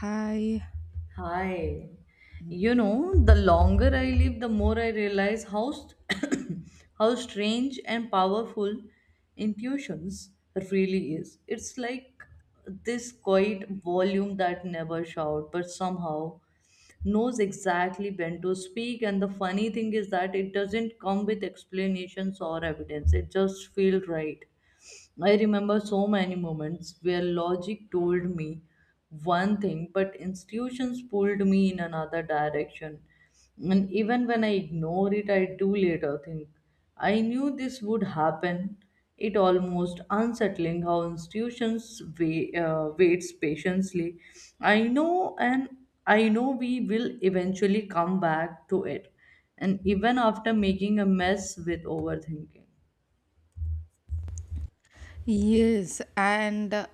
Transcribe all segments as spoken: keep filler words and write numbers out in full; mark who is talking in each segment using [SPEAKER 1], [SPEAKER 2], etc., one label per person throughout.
[SPEAKER 1] Hi.
[SPEAKER 2] Hi.
[SPEAKER 1] Mhm.
[SPEAKER 2] You know, the longer I live, the more I realize how st- how strange and powerful intuitions really is. It's like this quiet volume that never shout, but somehow knows exactly when to speak. And the funny thing is that it doesn't come with explanations or evidence. It just feels right. I remember so many moments where logic told me one thing, but institutions pulled me in another direction. And even when I ignore it, I do later think I knew this would happen. It almost unsettling how institutions wait, uh, waits patiently. I know, and I know we will eventually come back to it, and even after making a mess with overthinking.
[SPEAKER 1] Yes, and uh,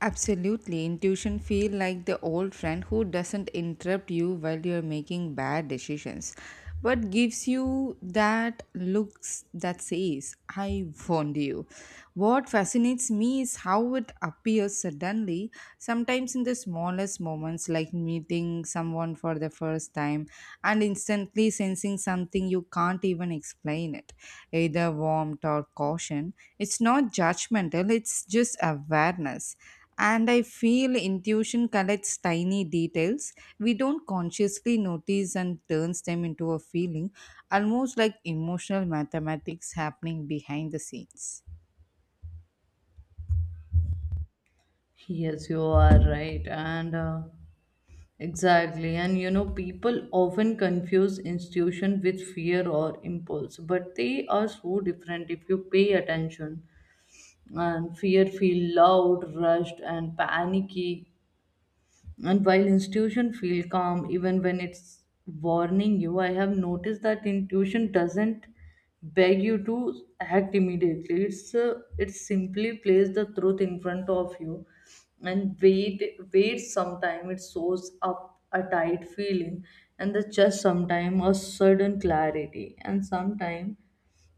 [SPEAKER 1] absolutely. Intuition feel like the old friend who doesn't interrupt you while you're making bad decisions, but gives you that looks that says, I warned you. What fascinates me is how it appears suddenly, sometimes in the smallest moments, like meeting someone for the first time and instantly sensing something you can't even explain it, either warmth or caution. It's not judgmental, it's just awareness. And I feel intuition collects tiny details we don't consciously notice and turns them into a feeling, almost like emotional mathematics happening behind the scenes.
[SPEAKER 2] Yes, you are right. And uh, exactly. And you know, people often confuse institution with fear or impulse, but they are so different if you pay attention. And fear feel loud, rushed, and panicky, and while institution feel calm even when it's warning you, I have noticed that intuition doesn't beg you to act immediately. It's uh, it simply plays the truth in front of you and wait wait sometime it shows up a tight feeling and the just sometime a sudden clarity and sometime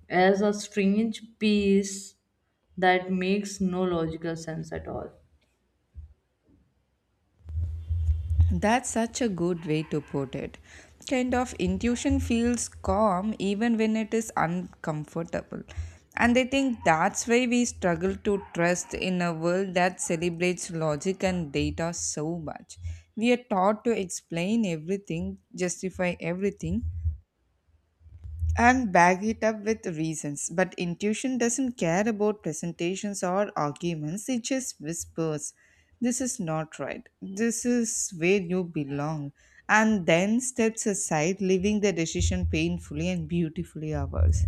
[SPEAKER 2] as a strange peace that makes no logical sense at all.
[SPEAKER 1] That's such a good way to put it. Kind of intuition feels calm even when it is uncomfortable. And I think that's why we struggle to trust in a world that celebrates logic and data so much. We are taught to explain everything, justify everything, and back it up with reasons. But intuition doesn't care about presentations or arguments, it just whispers, this is not right, this is where you belong, and then steps aside, leaving the decision painfully and beautifully ours.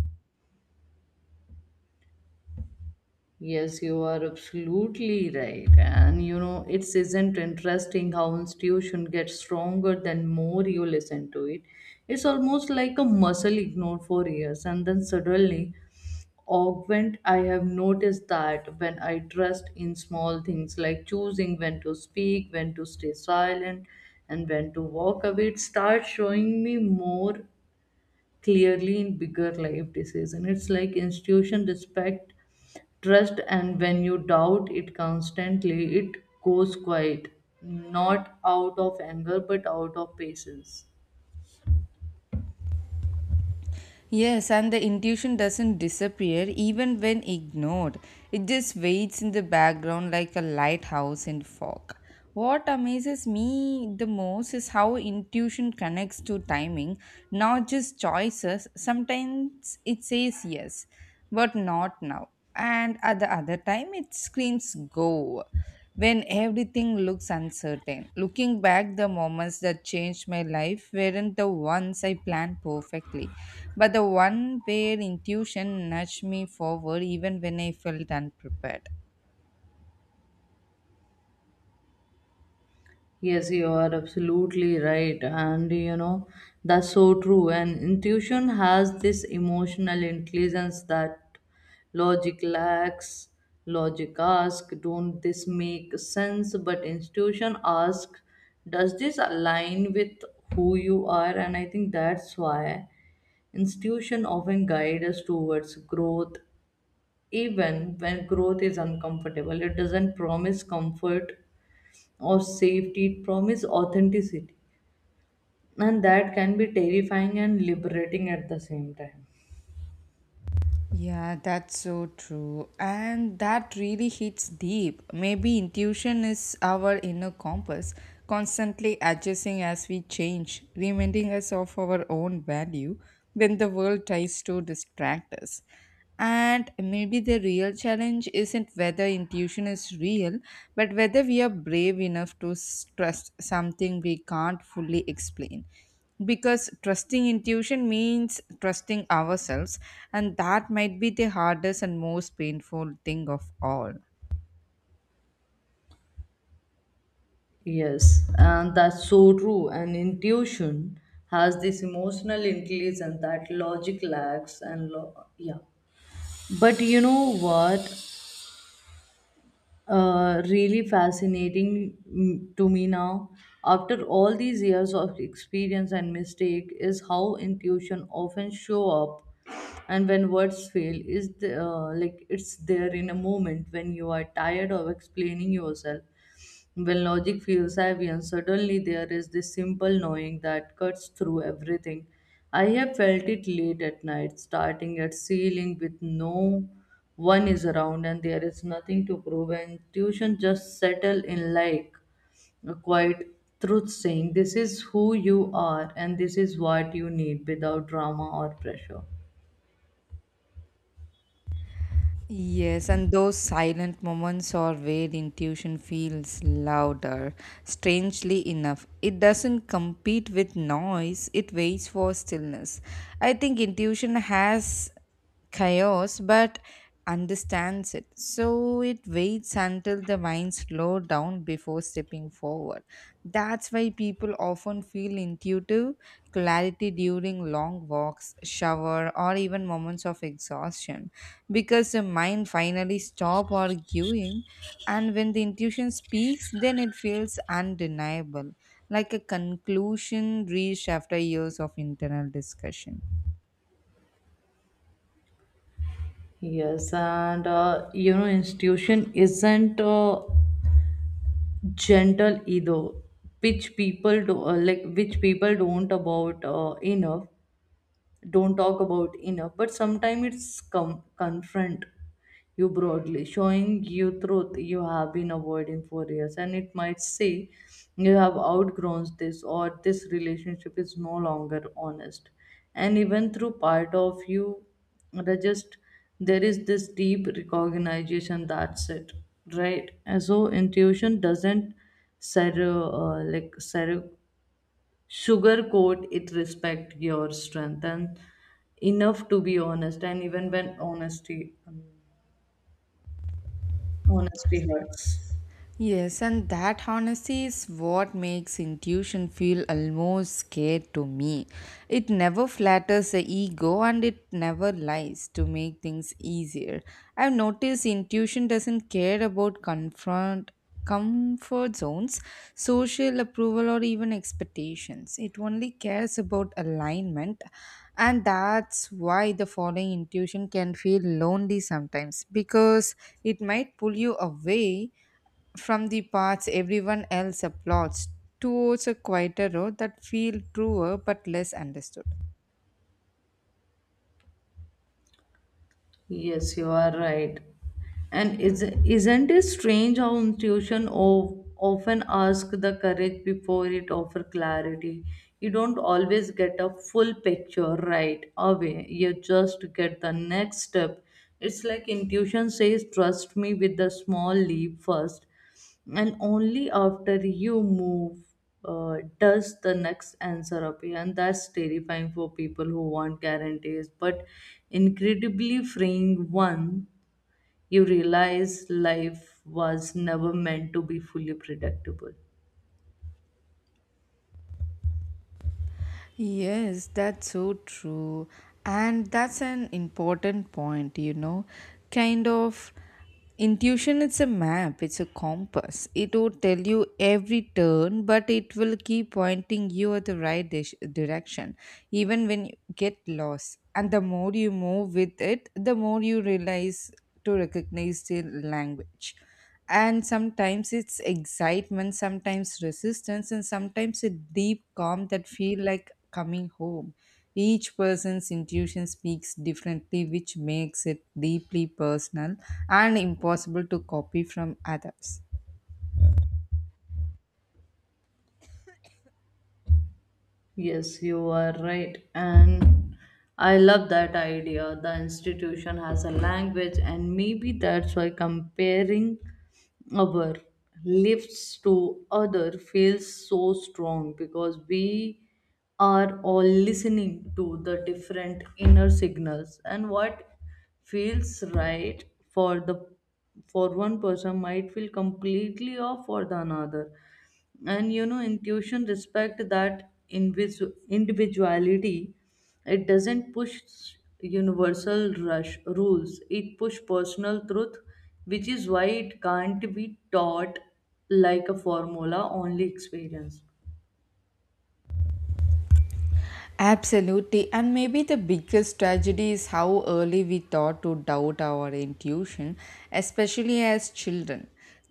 [SPEAKER 2] Yes, you are absolutely right. And you know, it isn't interesting how institution gets stronger than more you listen to it. It's almost like a muscle ignored for years and then suddenly augment. I have noticed that when I trust in small things like choosing when to speak, when to stay silent, and when to walk away, it starts showing me more clearly in bigger life decision. It's like institution respect, trust, and when you doubt it constantly, it goes quiet, not out of anger but out of patience.
[SPEAKER 1] Yes, and the intuition doesn't disappear even when ignored. It just waits in the background like a lighthouse in fog. What amazes me the most is how intuition connects to timing, not just choices. Sometimes it says yes, but not now. And at the other time, it screams go when everything looks uncertain. Looking back, the moments that changed my life weren't the ones I planned perfectly, but the one where intuition nudged me forward even when I felt unprepared.
[SPEAKER 2] Yes, you are absolutely right. And you know, that's so true. And intuition has this emotional intelligence that logic lacks. Logic asks, don't this make sense? But intuition asks, does this align with who you are? And I think that's why institution often guide us towards growth even when growth is uncomfortable. It doesn't promise comfort or safety, it promises authenticity, and that can be terrifying and liberating at the same time.
[SPEAKER 1] Yeah, that's so true. And that really hits deep. Maybe intuition is our inner compass, constantly adjusting as we change, reminding us of our own value when the world tries to distract us. And maybe the real challenge isn't whether intuition is real, but whether we are brave enough to s- trust something we can't fully explain, because trusting intuition means trusting ourselves, and that might be the hardest and most painful thing of all.
[SPEAKER 2] Yes, and that's so true. And intuition has this emotional intelligence that logic lacks and lo- yeah. But you know what uh, really fascinating mm, to me now. After all these years of experience and mistake, is how intuition often show up, and when words fail, is the, uh, like it's there in a moment when you are tired of explaining yourself, when logic feels heavy and suddenly there is this simple knowing that cuts through everything. I have felt it late at night, starting at ceiling with no one is around and there is nothing to prove, and tuition just settle in like a quiet truth saying this is who you are and this is what you need without drama or pressure.
[SPEAKER 1] Yes, and those silent moments are where intuition feels louder. Strangely enough, it doesn't compete with noise, it waits for stillness. I think intuition has chaos but understands it, so it waits until the mind mind slow down before stepping forward. That's why people often feel intuitive clarity during long walks, shower, or even moments of exhaustion, because the mind finally stops arguing. And when the intuition speaks, then it feels undeniable, like a conclusion reached after years of internal discussion.
[SPEAKER 2] Yes, and uh, You know, institution isn't uh, gentle ego which people do uh, like which people don't about uh, enough, don't talk about enough, but sometimes it's come confront you broadly showing you truth you have been avoiding for years, and it might say you have outgrown this or this relationship is no longer honest, and even through part of you the just there is this deep recognition that's it right. And so intuition doesn't ser- uh, like ser- sugarcoat it, respect your strength and enough to be honest, and even when honesty um, honesty hurts.
[SPEAKER 1] Yes, and that honesty is what makes intuition feel almost scared to me. It never flatters the ego and it never lies to make things easier. I've noticed intuition doesn't care about confront comfort zones, social approval or even expectations. It only cares about alignment, and that's why the following intuition can feel lonely sometimes, because it might pull you away from the paths everyone else applauds towards a quieter road that feel truer but less understood.
[SPEAKER 2] Yes, you are right. And is, isn't it strange how intuition of, often asks the courage before it offers clarity. You don't always get a full picture right away, you just get the next step. It's like intuition says trust me with the small leap first, and only after you move uh, does the next answer appear. And that's terrifying for people who want guarantees but incredibly freeing one. You realize life was never meant to be fully predictable.
[SPEAKER 1] Yes, that's so true. And that's an important point, you know. Kind of intuition, it's a map, it's a compass. It will tell you every turn, but it will keep pointing you at the right dis- direction, even when you get lost. And the more you move with it, the more you realize to recognize the language. And sometimes it's excitement, sometimes resistance, and sometimes a deep calm that feel like coming home. Each person's intuition speaks differently, which makes it deeply personal and impossible to copy from others.
[SPEAKER 2] Yes, you are right. And I love that idea. The institution has a language, and maybe that's why comparing our lifts to other feels so strong because we are all listening to the different inner signals, and what feels right for the for one person might feel completely off for the another. And you know intuition respect that invis- individuality. It doesn't push universal rush rules, it push personal truth, which is why it can't be taught like a formula, only experience.
[SPEAKER 1] Absolutely. And maybe the biggest tragedy is how early we thought to doubt our intuition, especially as children.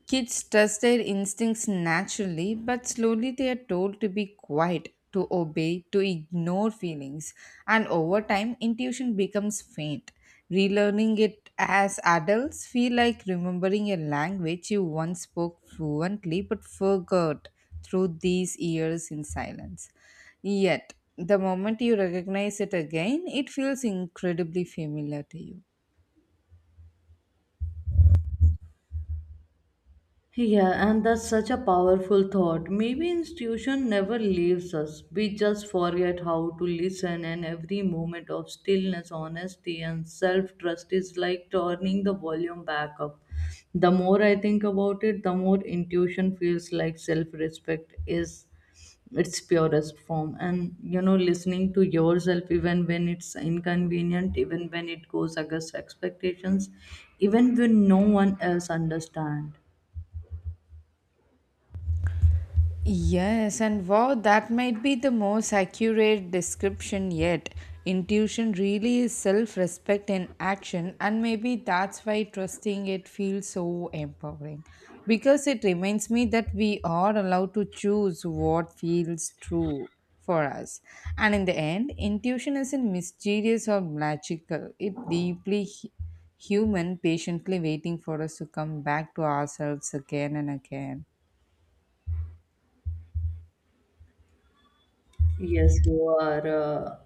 [SPEAKER 1] Kids trust their instincts naturally, but slowly they are told to be quiet, to obey, to ignore feelings. And over time, intuition becomes faint. Relearning it as adults feel like remembering a language you once spoke fluently but forgot through these years in silence. Yet, the moment you recognize it again, it feels incredibly familiar to you.
[SPEAKER 2] Yeah, and that's such a powerful thought. Maybe institution never leaves us. We just forget how to listen, and every moment of stillness, honesty, and self trust is like turning the volume back up. The more I think about it, the more intuition feels like self respect is its purest form. And you know, listening to yourself, even when it's inconvenient, even when it goes against expectations, even when no one else understands.
[SPEAKER 1] Yes, and wow, that might be the most accurate description yet. Intuition really is self respect in action, and maybe that's why trusting it feels so empowering. Because it reminds me that we are allowed to choose what feels true for us. And in the end, intuition isn't mysterious or magical. It's deeply hu- human, patiently waiting for us to come back to ourselves again and again.
[SPEAKER 2] Yes, you are uh,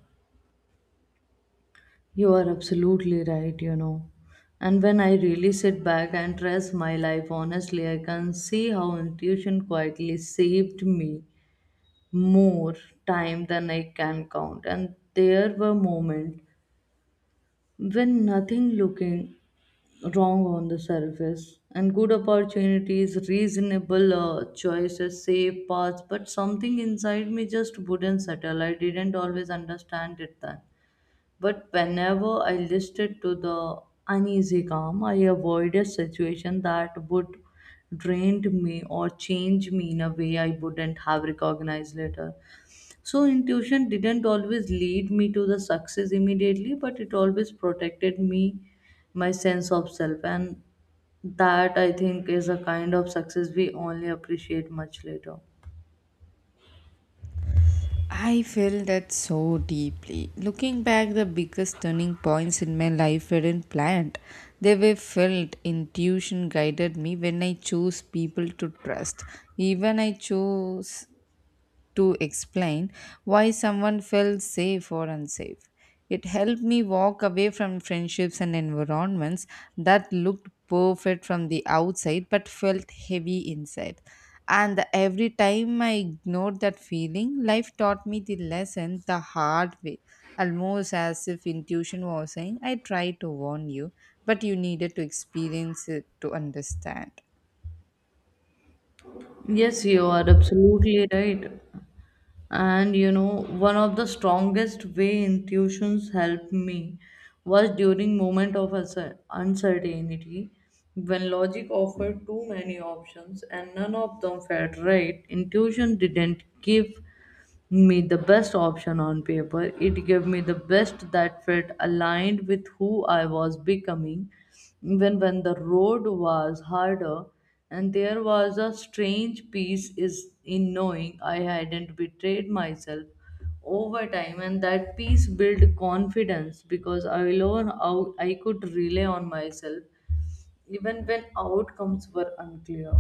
[SPEAKER 2] you are absolutely right, you know. And when I really sit back and trust my life honestly, I can see how intuition quietly saved me more time than I can count. And there were moments when nothing looking wrong on the surface and good opportunities, reasonable uh, choices, safe paths, but something inside me just wouldn't settle. I didn't always understand it then. But whenever I listened to the uneasy calm, I avoided situation that would drain me or change me in a way I wouldn't have recognized later. So intuition didn't always lead me to the success immediately, but it always protected me, my sense of self, and that I think is a kind of success we only appreciate much later.
[SPEAKER 1] I felt that so deeply. Looking back, the biggest turning points in my life weren't planned. They were felt. Intuition guided me when I chose people to trust. Even I chose to explain why someone felt safe or unsafe. It helped me walk away from friendships and environments that looked perfect from the outside but felt heavy inside. And every time I ignored that feeling, life taught me the lesson the hard way, almost as if intuition was saying, I tried to warn you, but you needed to experience it to understand.
[SPEAKER 2] Yes, you are absolutely right. And you know, one of the strongest way intuitions helped me was during moment of uncer- uncertainty, when logic offered too many options and none of them felt right. Intuition didn't give me the best option on paper. It gave me the best that fit aligned with who I was becoming. Even when the road was harder, and there was a strange peace is in knowing I hadn't betrayed myself over time, and that peace built confidence because I alone out I could rely on myself even when outcomes were unclear.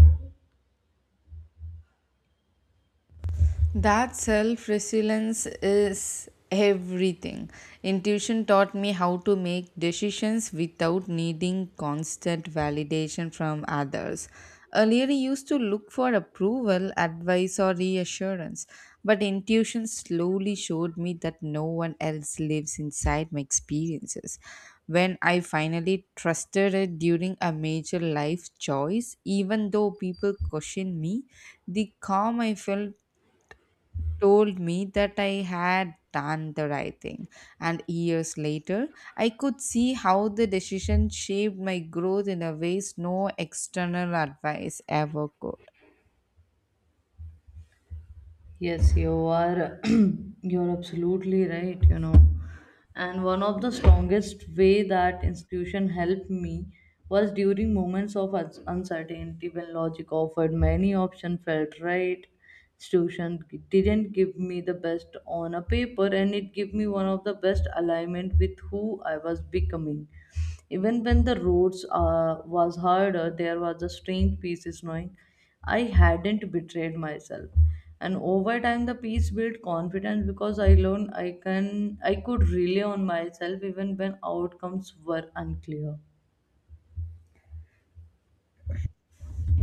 [SPEAKER 1] That self resilience is everything. Intuition taught me how to make decisions without needing constant validation from others. Earlier, I used to look for approval, advice, or reassurance, but intuition slowly showed me that no one else lives inside my experiences. When I finally trusted it during a major life choice, even though people questioned me, the calm I felt told me that I had done the right thing. And years later, I could see how the decision shaped my growth in a ways no external advice ever could.
[SPEAKER 2] Yes, you are you're absolutely right, you know. And one of the strongest way that institution helped me was during moments of uns- uncertainty when logic offered many options felt right. Institution didn't give me the best on a paper, and it gave me one of the best alignment with who I was becoming. Even when the roads uh, was harder, there was a strange peace is knowing I hadn't betrayed myself. And over time the peace built confidence because I learned I can I could rely on myself even when outcomes were unclear.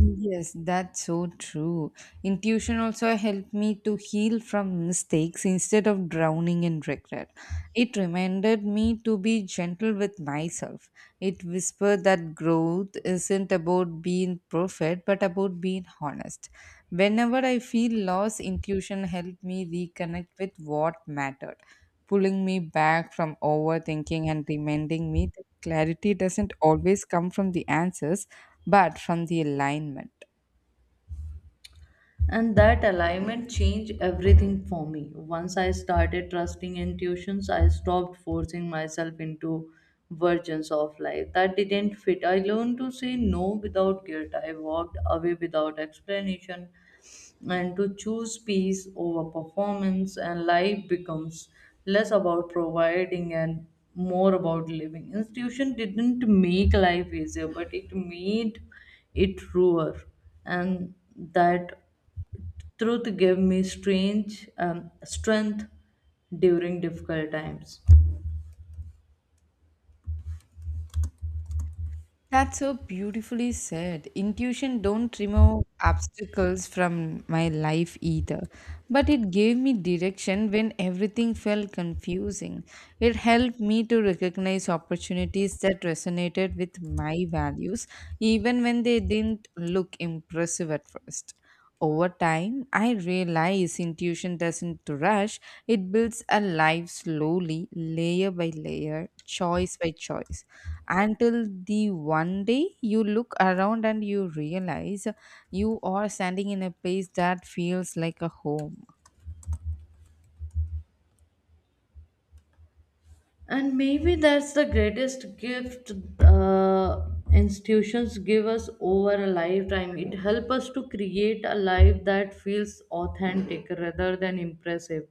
[SPEAKER 1] Yes, that's so true. Intuition also helped me to heal from mistakes instead of drowning in regret. It reminded me to be gentle with myself. It whispered that growth isn't about being perfect, but about being honest. Whenever I feel lost, intuition helped me reconnect with what mattered, pulling me back from overthinking and reminding me that clarity doesn't always come from the answers but from the alignment.
[SPEAKER 2] And that alignment changed everything for me. Once I started trusting intuitions, I stopped forcing myself into versions of life that didn't fit. I learned to say no without guilt. I walked away without explanation and to choose peace over performance, and life becomes less about providing and more about living. Institution didn't make life easier, but it made it truer, and that truth gave me strange um, strength during difficult times.
[SPEAKER 1] That's so beautifully said. Intuition don't remove obstacles from my life either, but it gave me direction when everything felt confusing. It helped me to recognize opportunities that resonated with my values even when they didn't look impressive at first. Over time, I realize intuition doesn't rush, it builds a life slowly, layer by layer, choice by choice, until the one day you look around and you realize you are standing in a place that feels like a home.
[SPEAKER 2] And maybe that's the greatest gift uh, institutions give us over a lifetime. It helps us to create a life that feels authentic rather than impressive.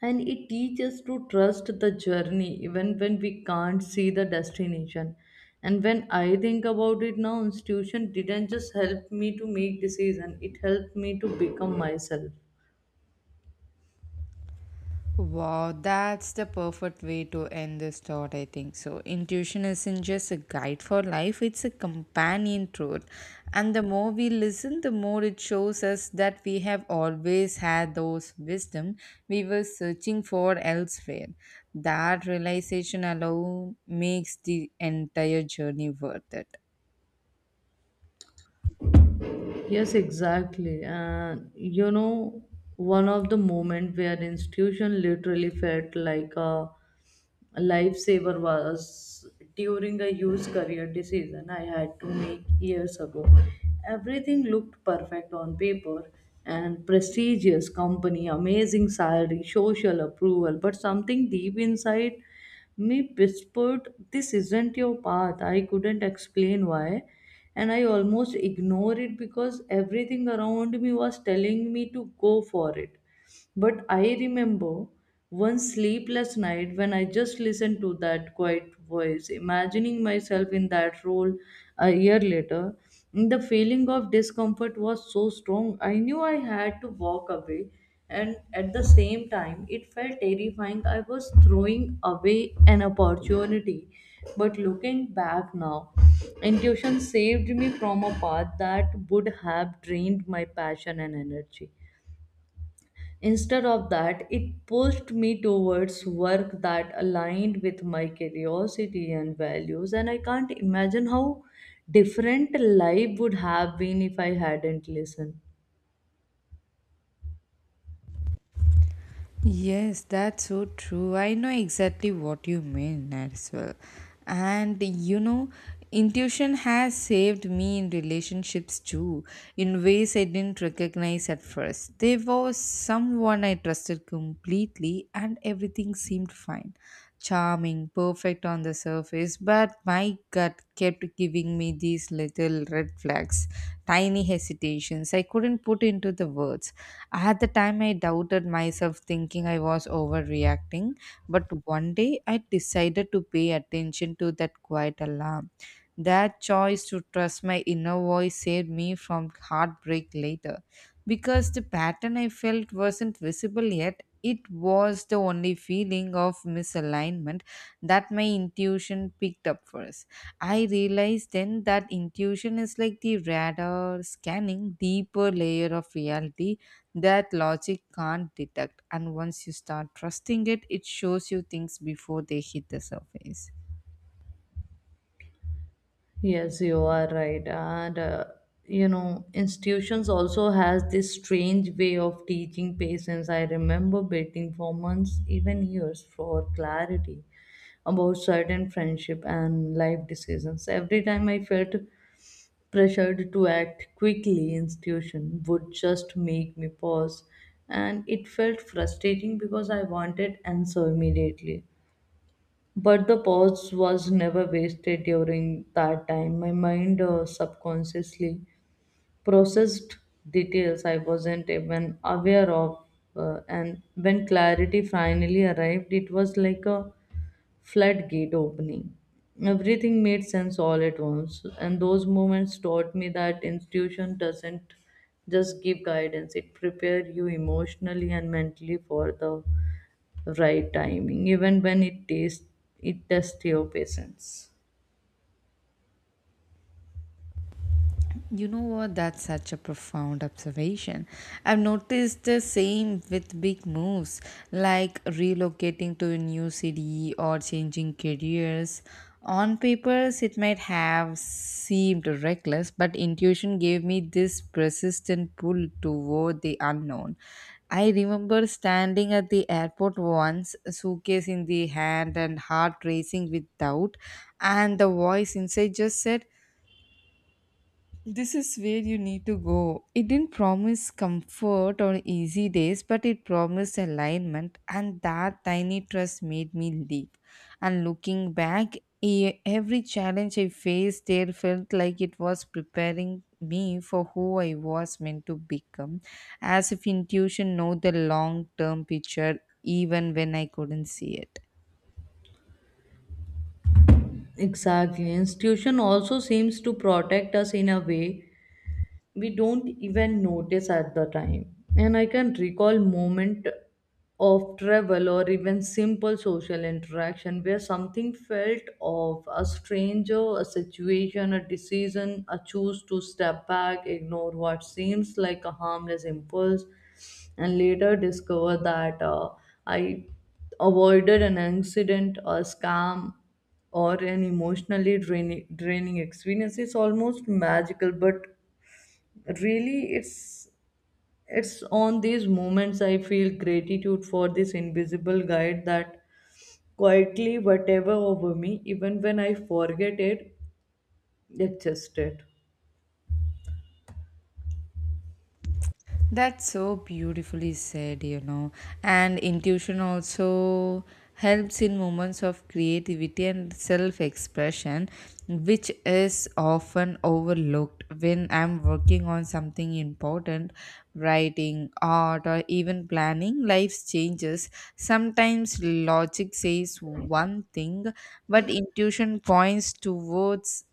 [SPEAKER 2] And it teaches us to trust the journey even when we can't see the destination. And when I think about it now, institution didn't just help me to make decision, it helped me to become myself.
[SPEAKER 1] Wow, that's the perfect way to end this thought, I think. So, intuition isn't just a guide for life, it's a companion truth. And the more we listen, the more it shows us that we have always had those wisdom we were searching for elsewhere. That realization alone makes the entire journey worth it.
[SPEAKER 2] Yes, exactly. And you know, one of the moment where institution literally felt like a lifesaver was during a youth career decision I had to make years ago. Everything looked perfect on paper and prestigious company, amazing salary, social approval, but something deep inside me whispered, this isn't your path. I couldn't explain why. And I almost ignored it because everything around me was telling me to go for it. But I remember one sleepless night when I just listened to that quiet voice, imagining myself in that role a year later. The feeling of discomfort was so strong. I knew I had to walk away, and at the same time it felt terrifying. I was throwing away an opportunity, but looking back now, intuition saved me from a path that would have drained my passion and energy. Instead of that, it pushed me towards work that aligned with my curiosity and values, and I can't imagine how different life would have been if I hadn't listened.
[SPEAKER 1] Yes, that's so true. I know exactly what you mean as well. And you know, intuition has saved me in relationships too, in ways I didn't recognize at first. There was someone I trusted completely, and everything seemed fine, charming, perfect on the surface, but my gut kept giving me these little red flags, tiny hesitations I couldn't put into the words. At the time, I doubted myself, thinking I was overreacting, but one day I decided to pay attention to that quiet alarm. That choice to trust my inner voice saved me from heartbreak later, because the pattern I felt wasn't visible yet, it was the only feeling of misalignment that my intuition picked up first. I realized then that intuition is like the radar scanning deeper layer of reality that logic can't detect. And once you start trusting it, it shows you things before they hit the surface.
[SPEAKER 2] Yes, you are right. And uh, You know, institutions also has this strange way of teaching patients. I remember waiting for months, even years, for clarity about certain friendship and life decisions. Every time I felt pressured to act quickly, institution would just make me pause, and it felt frustrating because I wanted answer immediately. But the pause was never wasted during that time. My mind uh, subconsciously processed details I wasn't even aware of. uh, and when clarity finally arrived, it was like a floodgate opening. Everything made sense all at once. And those moments taught me that institution doesn't just give guidance, it prepares you emotionally and mentally for the right timing, even when it tastes it tests your patience.
[SPEAKER 1] You know what? That's such a profound observation. I've noticed the same with big moves like relocating to a new city or changing careers. On papers, it might have seemed reckless, but intuition gave me this persistent pull toward the unknown. I remember standing at the airport once, suitcase in the hand and heart racing with doubt, and the voice inside just said, this is where you need to go. It didn't promise comfort or easy days, but it promised alignment, and that tiny trust made me leap. And looking back, e- every challenge I faced there felt like it was preparing me for who I was meant to become, as if intuition know the long term picture even when I couldn't see it.
[SPEAKER 2] Exactly. Institution also seems to protect us in a way we don't even notice at the time. And I can recall moment of travel or even simple social interaction where something felt off a stranger, a situation, a decision, a choose to step back, ignore what seems like a harmless impulse, and later discover that uh, I avoided an incident, a scam, or an emotionally draining, draining experience. It's almost magical, but really it's it's on these moments I feel gratitude for this invisible guide that quietly whatever over me even when I forget it it just it
[SPEAKER 1] That's so beautifully said, you know. And intuition also helps in moments of creativity and self expression, which is often overlooked when I'm working on something important, writing, art, or even planning life's changes. Sometimes logic says one thing, but intuition points towards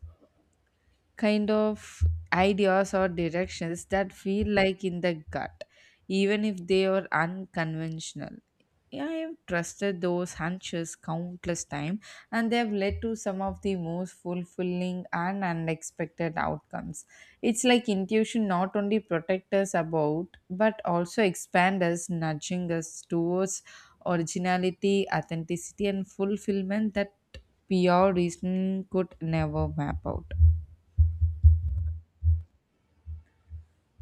[SPEAKER 1] kind of ideas or directions that feel like in the gut, even if they are unconventional. Yeah, I have trusted those hunches countless times, and they have led to some of the most fulfilling and unexpected outcomes. It's like intuition not only protect us about, but also expand us, nudging us towards originality, authenticity, and fulfillment that pure reasoning could never map out.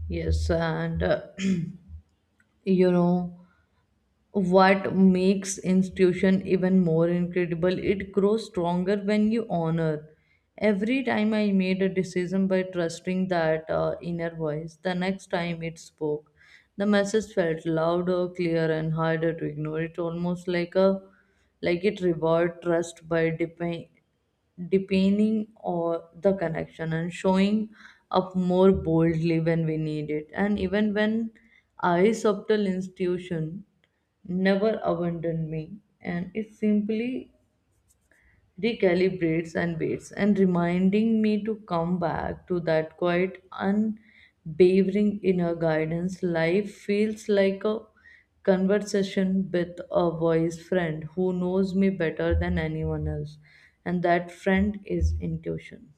[SPEAKER 2] yes and uh, you know what makes institution even more incredible it grows stronger when you honor every time I made a decision by trusting that uh, inner voice. The next time it spoke, the message felt louder, clearer, and harder to ignore. It almost like a like it reward trust by depending depending on the connection, and showing up more boldly when we need it. And even when I subtle institution never abandoned me, and it simply recalibrates and waits, and reminding me to come back to that quiet, unwavering inner guidance. Life feels like a conversation with a voice friend who knows me better than anyone else, and that friend is intuition.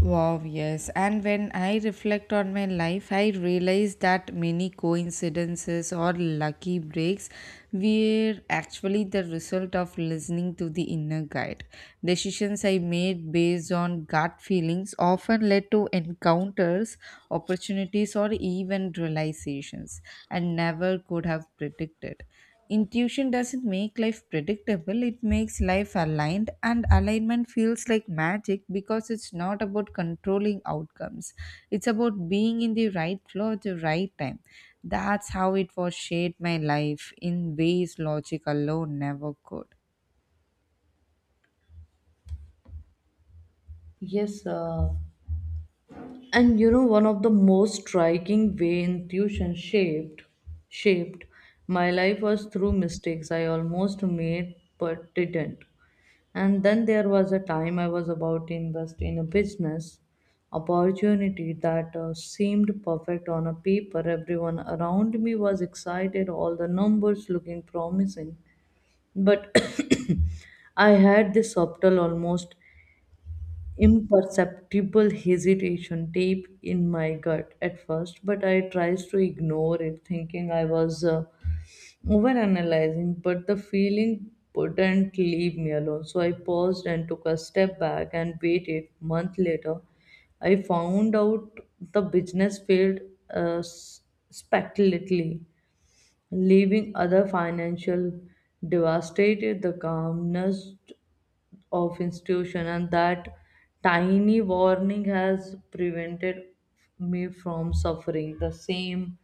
[SPEAKER 1] Wow, yes. And when I reflect on my life, I realize that many coincidences or lucky breaks were actually the result of listening to the inner guide. Decisions I made based on gut feelings often led to encounters, opportunities, or even realizations I never could have predicted. Intuition doesn't make life predictable, it makes life aligned, and alignment feels like magic because it's not about controlling outcomes. It's about being in the right flow at the right time. That's how it was shaped my life in ways logic alone never could.
[SPEAKER 2] Yes, uh, and you know, one of the most striking way intuition shaped shaped my life was through mistakes I almost made but didn't. And then there was a time I was about to invest in a business opportunity that uh, seemed perfect on a paper. Everyone around me was excited, all the numbers looking promising. But I had this subtle, almost imperceptible hesitation deep in my gut at first, but I tries to ignore it, thinking I was uh, overanalyzing. But the feeling wouldn't leave me alone, so I paused and took a step back and waited. Month later, I found out the business failed uh, s- spectacularly, leaving other financial devastated. The calmness of institution and that tiny warning has prevented me from suffering the same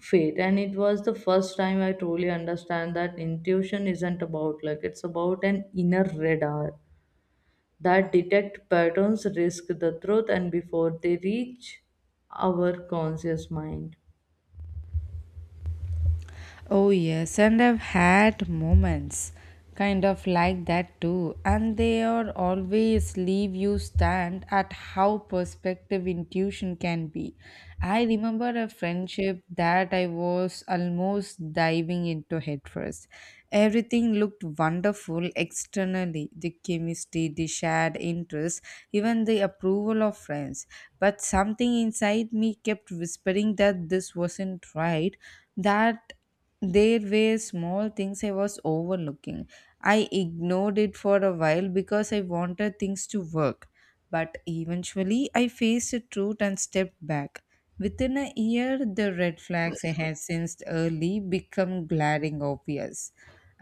[SPEAKER 2] fate. And it was the first time I truly understand that intuition isn't about luck, it's about an inner radar that detect patterns, risk, the truth, and before they reach our conscious mind.
[SPEAKER 1] Oh, yes, and I've had moments kind of like that too, and they are always leave you stand at how perspective intuition can be. I remember a friendship that I was almost diving into head first. Everything looked wonderful externally the chemistry, the shared interests, even the approval of friends. But something inside me kept whispering that this wasn't right that there were small things I was overlooking. I ignored it for a while because I wanted things to work. But eventually, I faced the truth and stepped back. Within a year, the red flags I had sensed early become glaring obvious.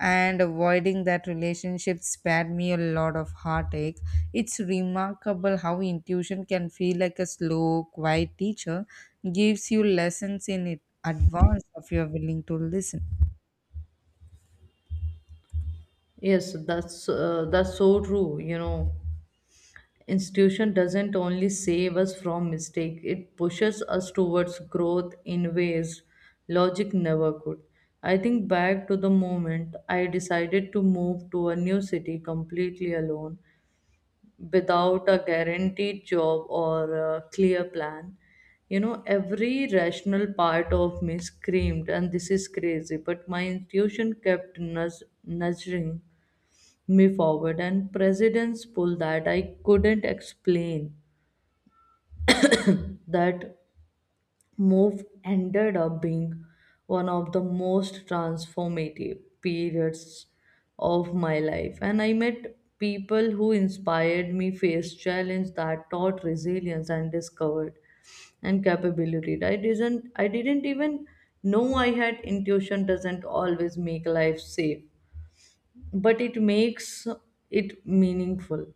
[SPEAKER 1] And avoiding that relationship spared me a lot of heartache. It's remarkable how intuition can feel like a slow, quiet teacher, gives you lessons in advance if you're willing to listen.
[SPEAKER 2] Yes, that's uh, that's so true. You know, institution doesn't only save us from mistake, it pushes us towards growth in ways logic never could. I think back to the moment I decided to move to a new city completely alone without a guaranteed job or a clear plan. You know, every rational part of me screamed and this is crazy, but my intuition kept nudge- nudging me forward, and presidents pull that I couldn't explain. That move ended up being one of the most transformative periods of my life. And I met people who inspired me, faced challenges that taught resilience, and discovered and capability. I didn't I didn't even know I had. Intuition doesn't always make life safe, but it makes it meaningful.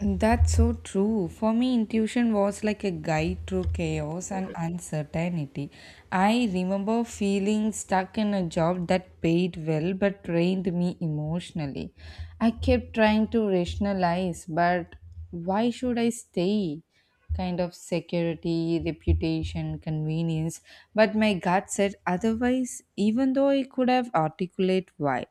[SPEAKER 1] And that's so true. For me, intuition was like a guide through chaos and uncertainty. I remember feeling stuck in a job that paid well but drained me emotionally. I kept trying to rationalize, but why should I stay? Kind of security, reputation, convenience. But my gut said otherwise, even though I could have articulate why.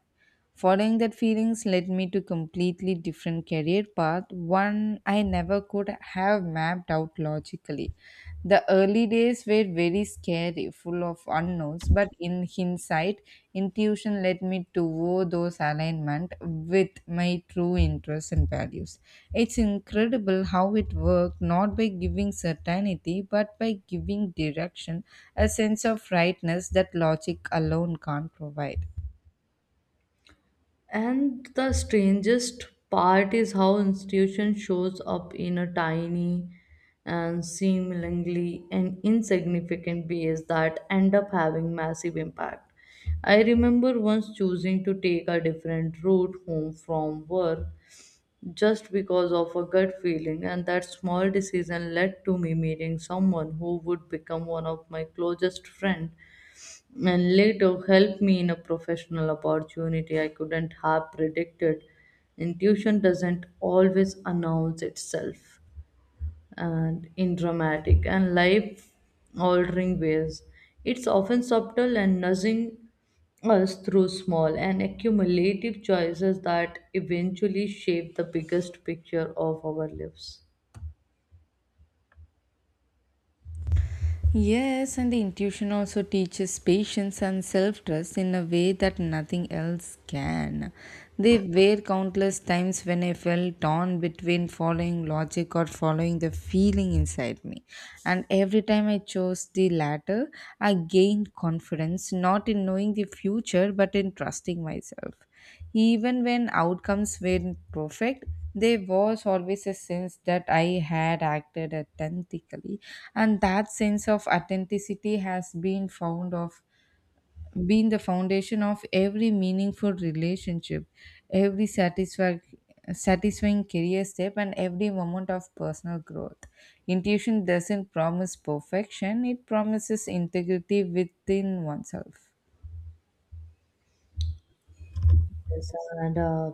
[SPEAKER 1] Following that feelings led me to completely different career path, one I never could have mapped out logically. The early days were very scary, full of unknowns, but in hindsight, intuition led me toward those alignment with my true interests and values. It's incredible how it worked not by giving certainty but by giving direction, a sense of rightness that logic alone can't provide.
[SPEAKER 2] And the strangest part is how institution shows up in a tiny and seemingly an insignificant ways that end up having massive impact. I remember once choosing to take a different route home from work just because of a gut feeling, and that small decision led to me meeting someone who would become one of my closest friends, and later helped me in a professional opportunity I couldn't have predicted. Intuition doesn't always announce itself and in dramatic and life altering ways. It's often subtle and nudging us through small and accumulative choices that eventually shape the biggest picture of our lives.
[SPEAKER 1] Yes, and the intuition also teaches patience and self trust in a way that nothing else can. They were countless times when I felt torn between following logic or following the feeling inside me. And every time I chose the latter, I gained confidence not in knowing the future but in trusting myself. Even when outcomes weren't perfect, there was always a sense that I had acted authentically, and that sense of authenticity has been found of been the foundation of every meaningful relationship, every satisfa- satisfying career step, and every moment of personal growth. Intuition doesn't promise perfection; it promises integrity within oneself.
[SPEAKER 2] Yes, and uh,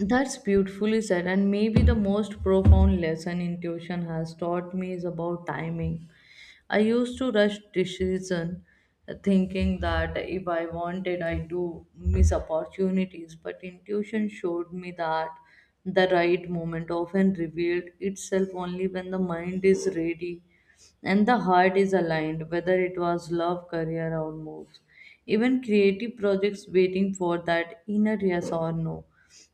[SPEAKER 2] that's beautifully said. And maybe the most profound lesson intuition has taught me is about timing. I used to rush decision, uh, thinking that if I wanted, I do miss opportunities. But intuition showed me that the right moment often revealed itself only when the mind is ready and the heart is aligned, whether it was love, career, or moves. Even creative projects waiting for that inner yes or no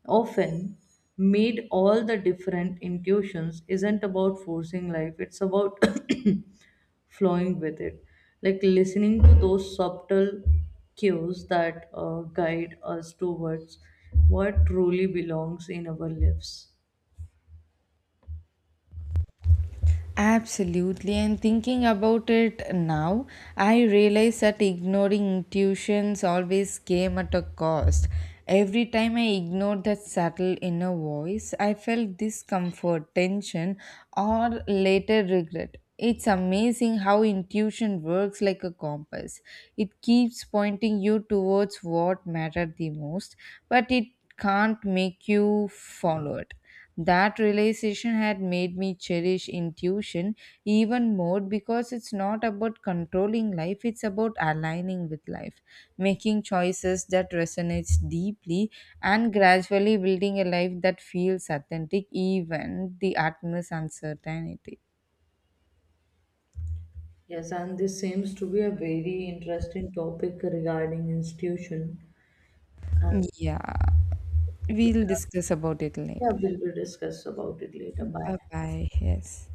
[SPEAKER 2] often made all the different intuitions isn't about forcing life, it's about flowing with it, like listening to those subtle cues that uh, guide us towards what truly belongs in our lives.
[SPEAKER 1] Absolutely, and thinking about it now, I realize that ignoring intuitions always came at a cost. Every time I ignored that subtle inner voice, I felt discomfort, tension, or later regret. It's amazing how intuition works like a compass. It keeps pointing you towards what mattered the most, but it can't make you follow it. That realization had made me cherish intuition even more because it's not about controlling life, it's about aligning with life, making choices that resonates deeply and gradually building a life that feels authentic even the utmost uncertainty.
[SPEAKER 2] Yes, and this seems to be a very interesting topic regarding institution. And
[SPEAKER 1] Yeah, we'll discuss about it
[SPEAKER 2] yeah,
[SPEAKER 1] later.
[SPEAKER 2] we'll, we'll discuss about it later. Bye.
[SPEAKER 1] Bye bye. Yes.